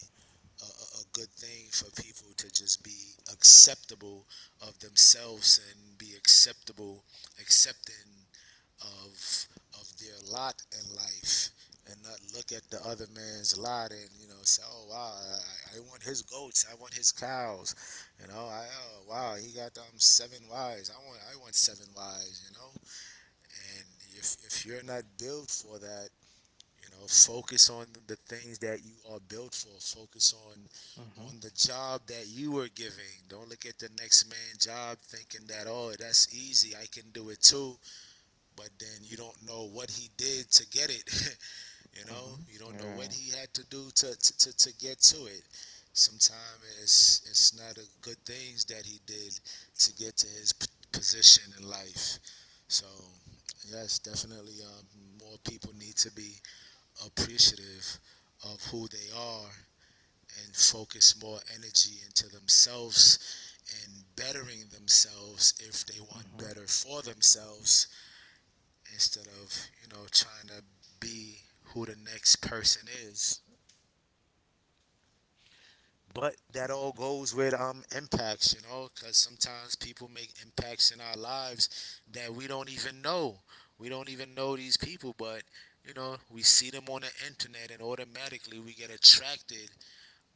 good thing for people to just be acceptable of themselves and be accepting of their lot in life, and not look at the other man's lot and, you know, say, oh wow, I want his goats, I want his cows, you know, I oh wow, he got 7 wives, I want 7 wives, you know. And if you're not built for that, you know, focus on the things that you are built for. Focus on
hmm
the job that you were giving. Don't look at the next man's job thinking that, oh, that's easy. I can do it too. But then you don't know what he did to get it. <laughs> You know,
hmm
you don't know what
yeah
he had to do to get to it. Sometimes it's not a good things that he did to get to his position in life. So yes, definitely, more people need to be appreciative of who they are and focus more energy into themselves and bettering themselves if they want
hmm
better for themselves instead of, you know, trying to be who the next person is. But that all goes with impacts, you know, because sometimes people make impacts in our lives that we don't even know. We don't even know these people, but, you know, we see them on the internet, and automatically we get attracted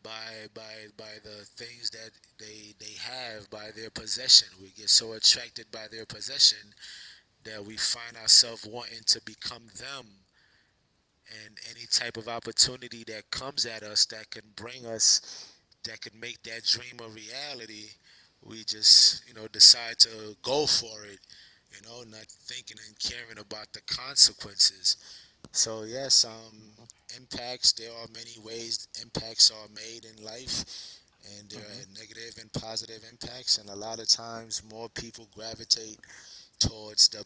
by the things that they have, by their possession. We get so attracted by their possession that we find ourselves wanting to become them, and any type of opportunity that comes at us that can bring us that can make that dream a reality, we just, you know, decide to go for it, you know, not thinking and caring about the consequences. So yes, impacts, there are many ways impacts are made in life, and there
hmm
are negative and positive impacts, and a lot of times more people gravitate towards the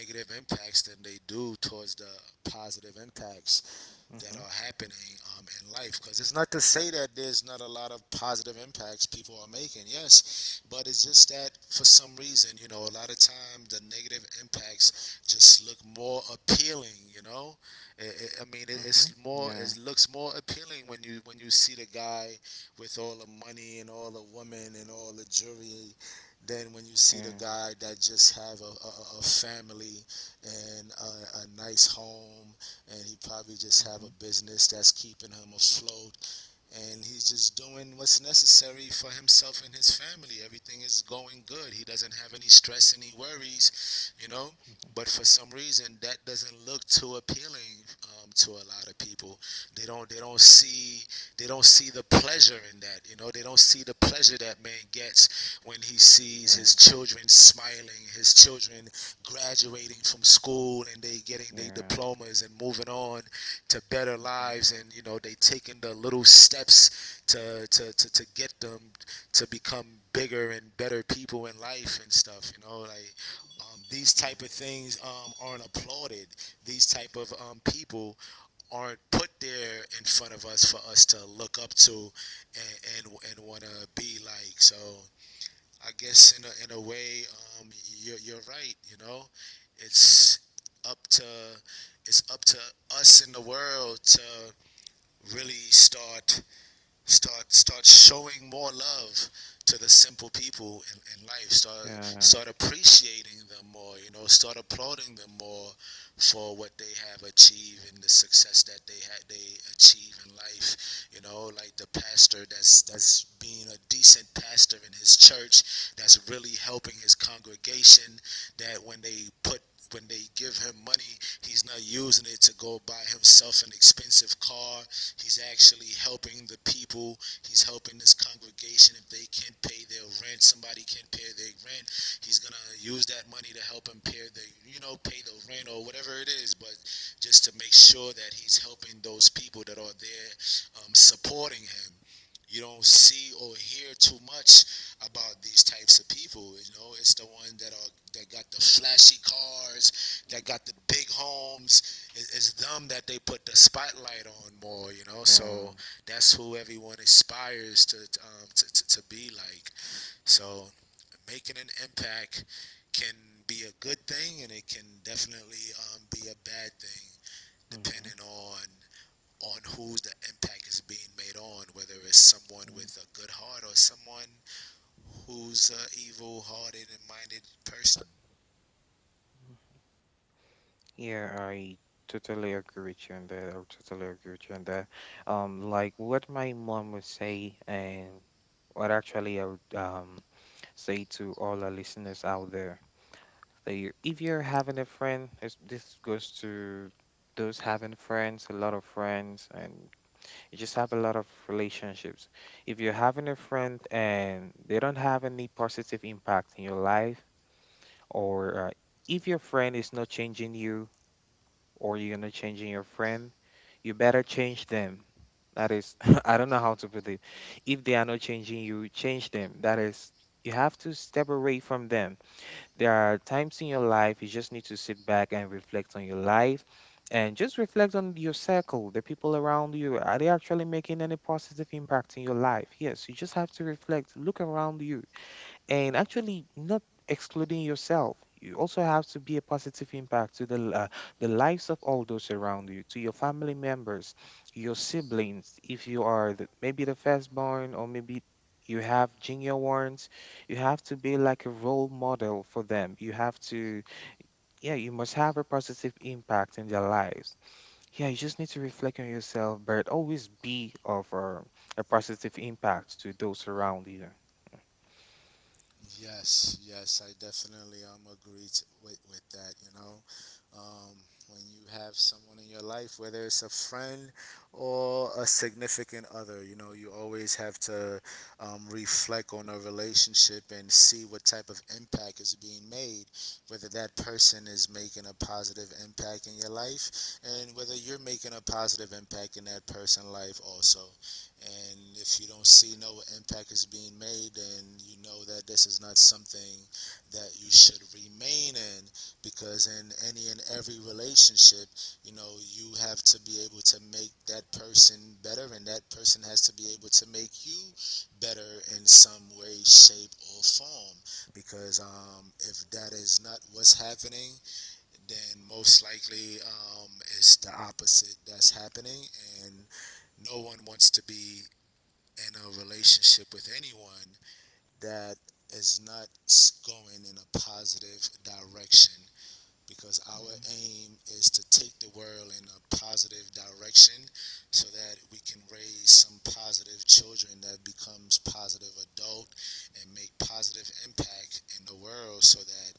negative impacts than they do towards the positive impacts that
hmm
are happening in life. Because it's not to say that there's not a lot of positive impacts people are making, yes, but it's just that for some reason, you know, a lot of time the negative impacts just look more appealing. You know, I mean,
Mm-hmm.
it's
Yeah.
more, it looks more appealing when you see the guy with all the money and all the women and all the jewelry than when you see
Yeah.
the guy that just have a family and a nice home, and he probably just
Mm-hmm.
have a business that's keeping him afloat, and he's just doing what's necessary for himself and his family. Everything is going good. He doesn't have any stress, any worries, you know.
Mm-hmm.
But for some reason, that doesn't look too appealing to a lot of people. They don't see. They don't see the pleasure in that. You know. They don't see the pleasure that man gets when he sees
Yeah.
his children smiling, his children graduating from school, and they getting their
Yeah.
diplomas and moving on to better
Mm-hmm.
lives, and, you know, they taking the little steps to get them to become bigger and better people in life and stuff, you know, like, these
Mm-hmm.
type of things aren't applauded. These type of people aren't put there in front of us for us to look up to and and want to be like. So I guess in a way, um, you're right. You know, it's up to it's up to us in the world to really start showing more love to the simple people in life. Start
Yeah.
appreciating them more, you know, start applauding them more for what they have achieved and the success that they achieve in life, you know, like the pastor that's being a decent pastor in his church, that's really helping his congregation, that when they put when they give him money, he's not using it to go buy himself an expensive car. He's actually helping the people. He's helping this congregation. If they can't pay their rent, He's gonna use that money to help him pay the, you know, pay the rent or whatever it is. But just to make sure that he's helping those people that are there, supporting him. You don't see or hear too much about these types of people. You know, it's the ones that are that got the flashy cars, that got the big homes, it's them that they put the spotlight on more, you know.
Um.
So that's who everyone aspires to be like. So making an impact can be a good thing, and it can definitely be a bad thing,
Mm-hmm.
depending on who's the impact is being made on, whether it's someone with a good heart or someone who's a evil-hearted and minded person.
Yeah, I totally agree with you on that. I totally agree with you on that. Like what my mom would say, and what actually I would say to all our listeners out there, that you, if you're having a friend, this goes to those having friends, a lot of friends, and you just have a lot of relationships. If you're having a friend and they don't have any positive impact in your life, or if your friend is not changing you, or you're not changing your friend, you better change them. That is, <laughs> I don't know how to put it. If they are not changing you, change them. That is, you have to step away from them. There are times in your life you just need to sit back and reflect on your life and just reflect on your circle, the people around you. Are they actually making any positive impact in your life? Yes, you just have to reflect, look around you, and actually not excluding yourself, you also have to be a positive impact to the the lives of all those around you, to your family members, your siblings. If you are the, maybe the firstborn, or maybe you have junior ones, you have to be like a role model for them. You have to, yeah, you must have a positive impact in their lives. Yeah, you just need to reflect on yourself, but always be of a positive impact to those around you.
Yes, I definitely agree t with that. You know, um, when you have someone in your life, whether it's a friend or a significant other, you know, you always have to reflect on a relationship and see what type of impact is being made, whether that person is making a positive impact in your life, and whether you're making a positive impact in that person's life also. And if you don't see no impact is being made, then you know that this is not something that you should remain in, because in any and every relationship, you know, you have to be able to make that person better, and that person has to be able to make you better in some way, shape, or form. Because if that is not what's happening, then most likely it's the opposite that's happening. And no one wants to be in a relationship with anyone that is not going in a positive direction, because our
Mhm.
aim is to take the world in a positive direction, so that we can raise some positive children that becomes positive adult and make positive impact in the world, so that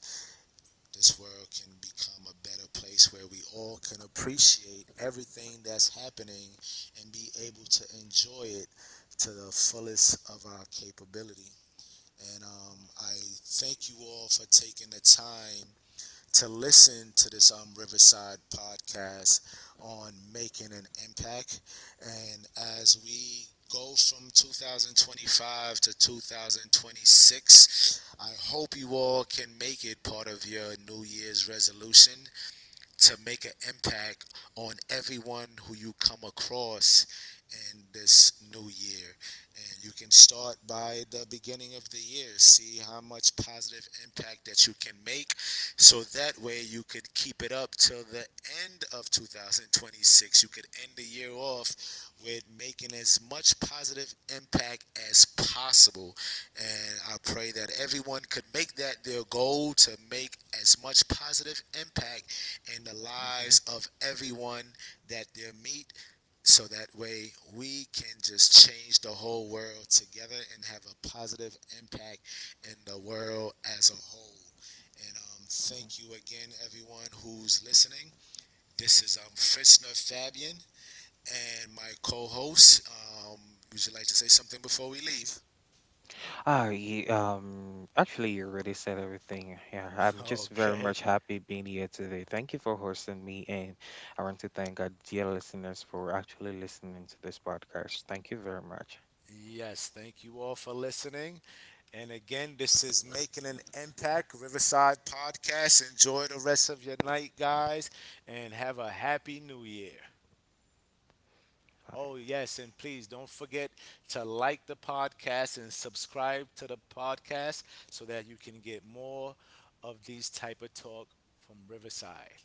this world can become a better place where we all can appreciate everything that's happening and be able to enjoy it to the fullest of our capability. And I thank you all for taking the time to listen to this Riverside podcast on making an impact. And as we go from 2025 to 2026, I hope you all can make it part of your New Year's resolution to make an impact on everyone who you come across in this new year. And you can start by the beginning of the year, see how much positive impact that you can make. So that way you could keep it up till the end of 2026. You could end the year off with making as much positive impact as possible. And I pray that everyone could make that their goal to make as much positive impact in the
mhm,
lives of everyone that they meet, so that way we can just change the whole world together and have a positive impact in the world as a whole. And
mhm.
thank you again, everyone who's listening. This is Fritzner Fabian and my co host. Would you like to say something before we leave? <laughs>
Ah, ye actually, you already said everything. Yeah, I'm just very
Okay.
much happy being here today. Thank you for hosting me, and I want to thank our dear listeners for actually listening to this podcast. Thank you very much.
Yes, thank you all for listening. And again, this is Making an Impact Riverside Podcast. Enjoy the rest of your night, guys, and have a happy new year. Oh,
Bye.
yes, and please don't forget to like the podcast and subscribe to the podcast so that you can get more of these type of talk from Riverside.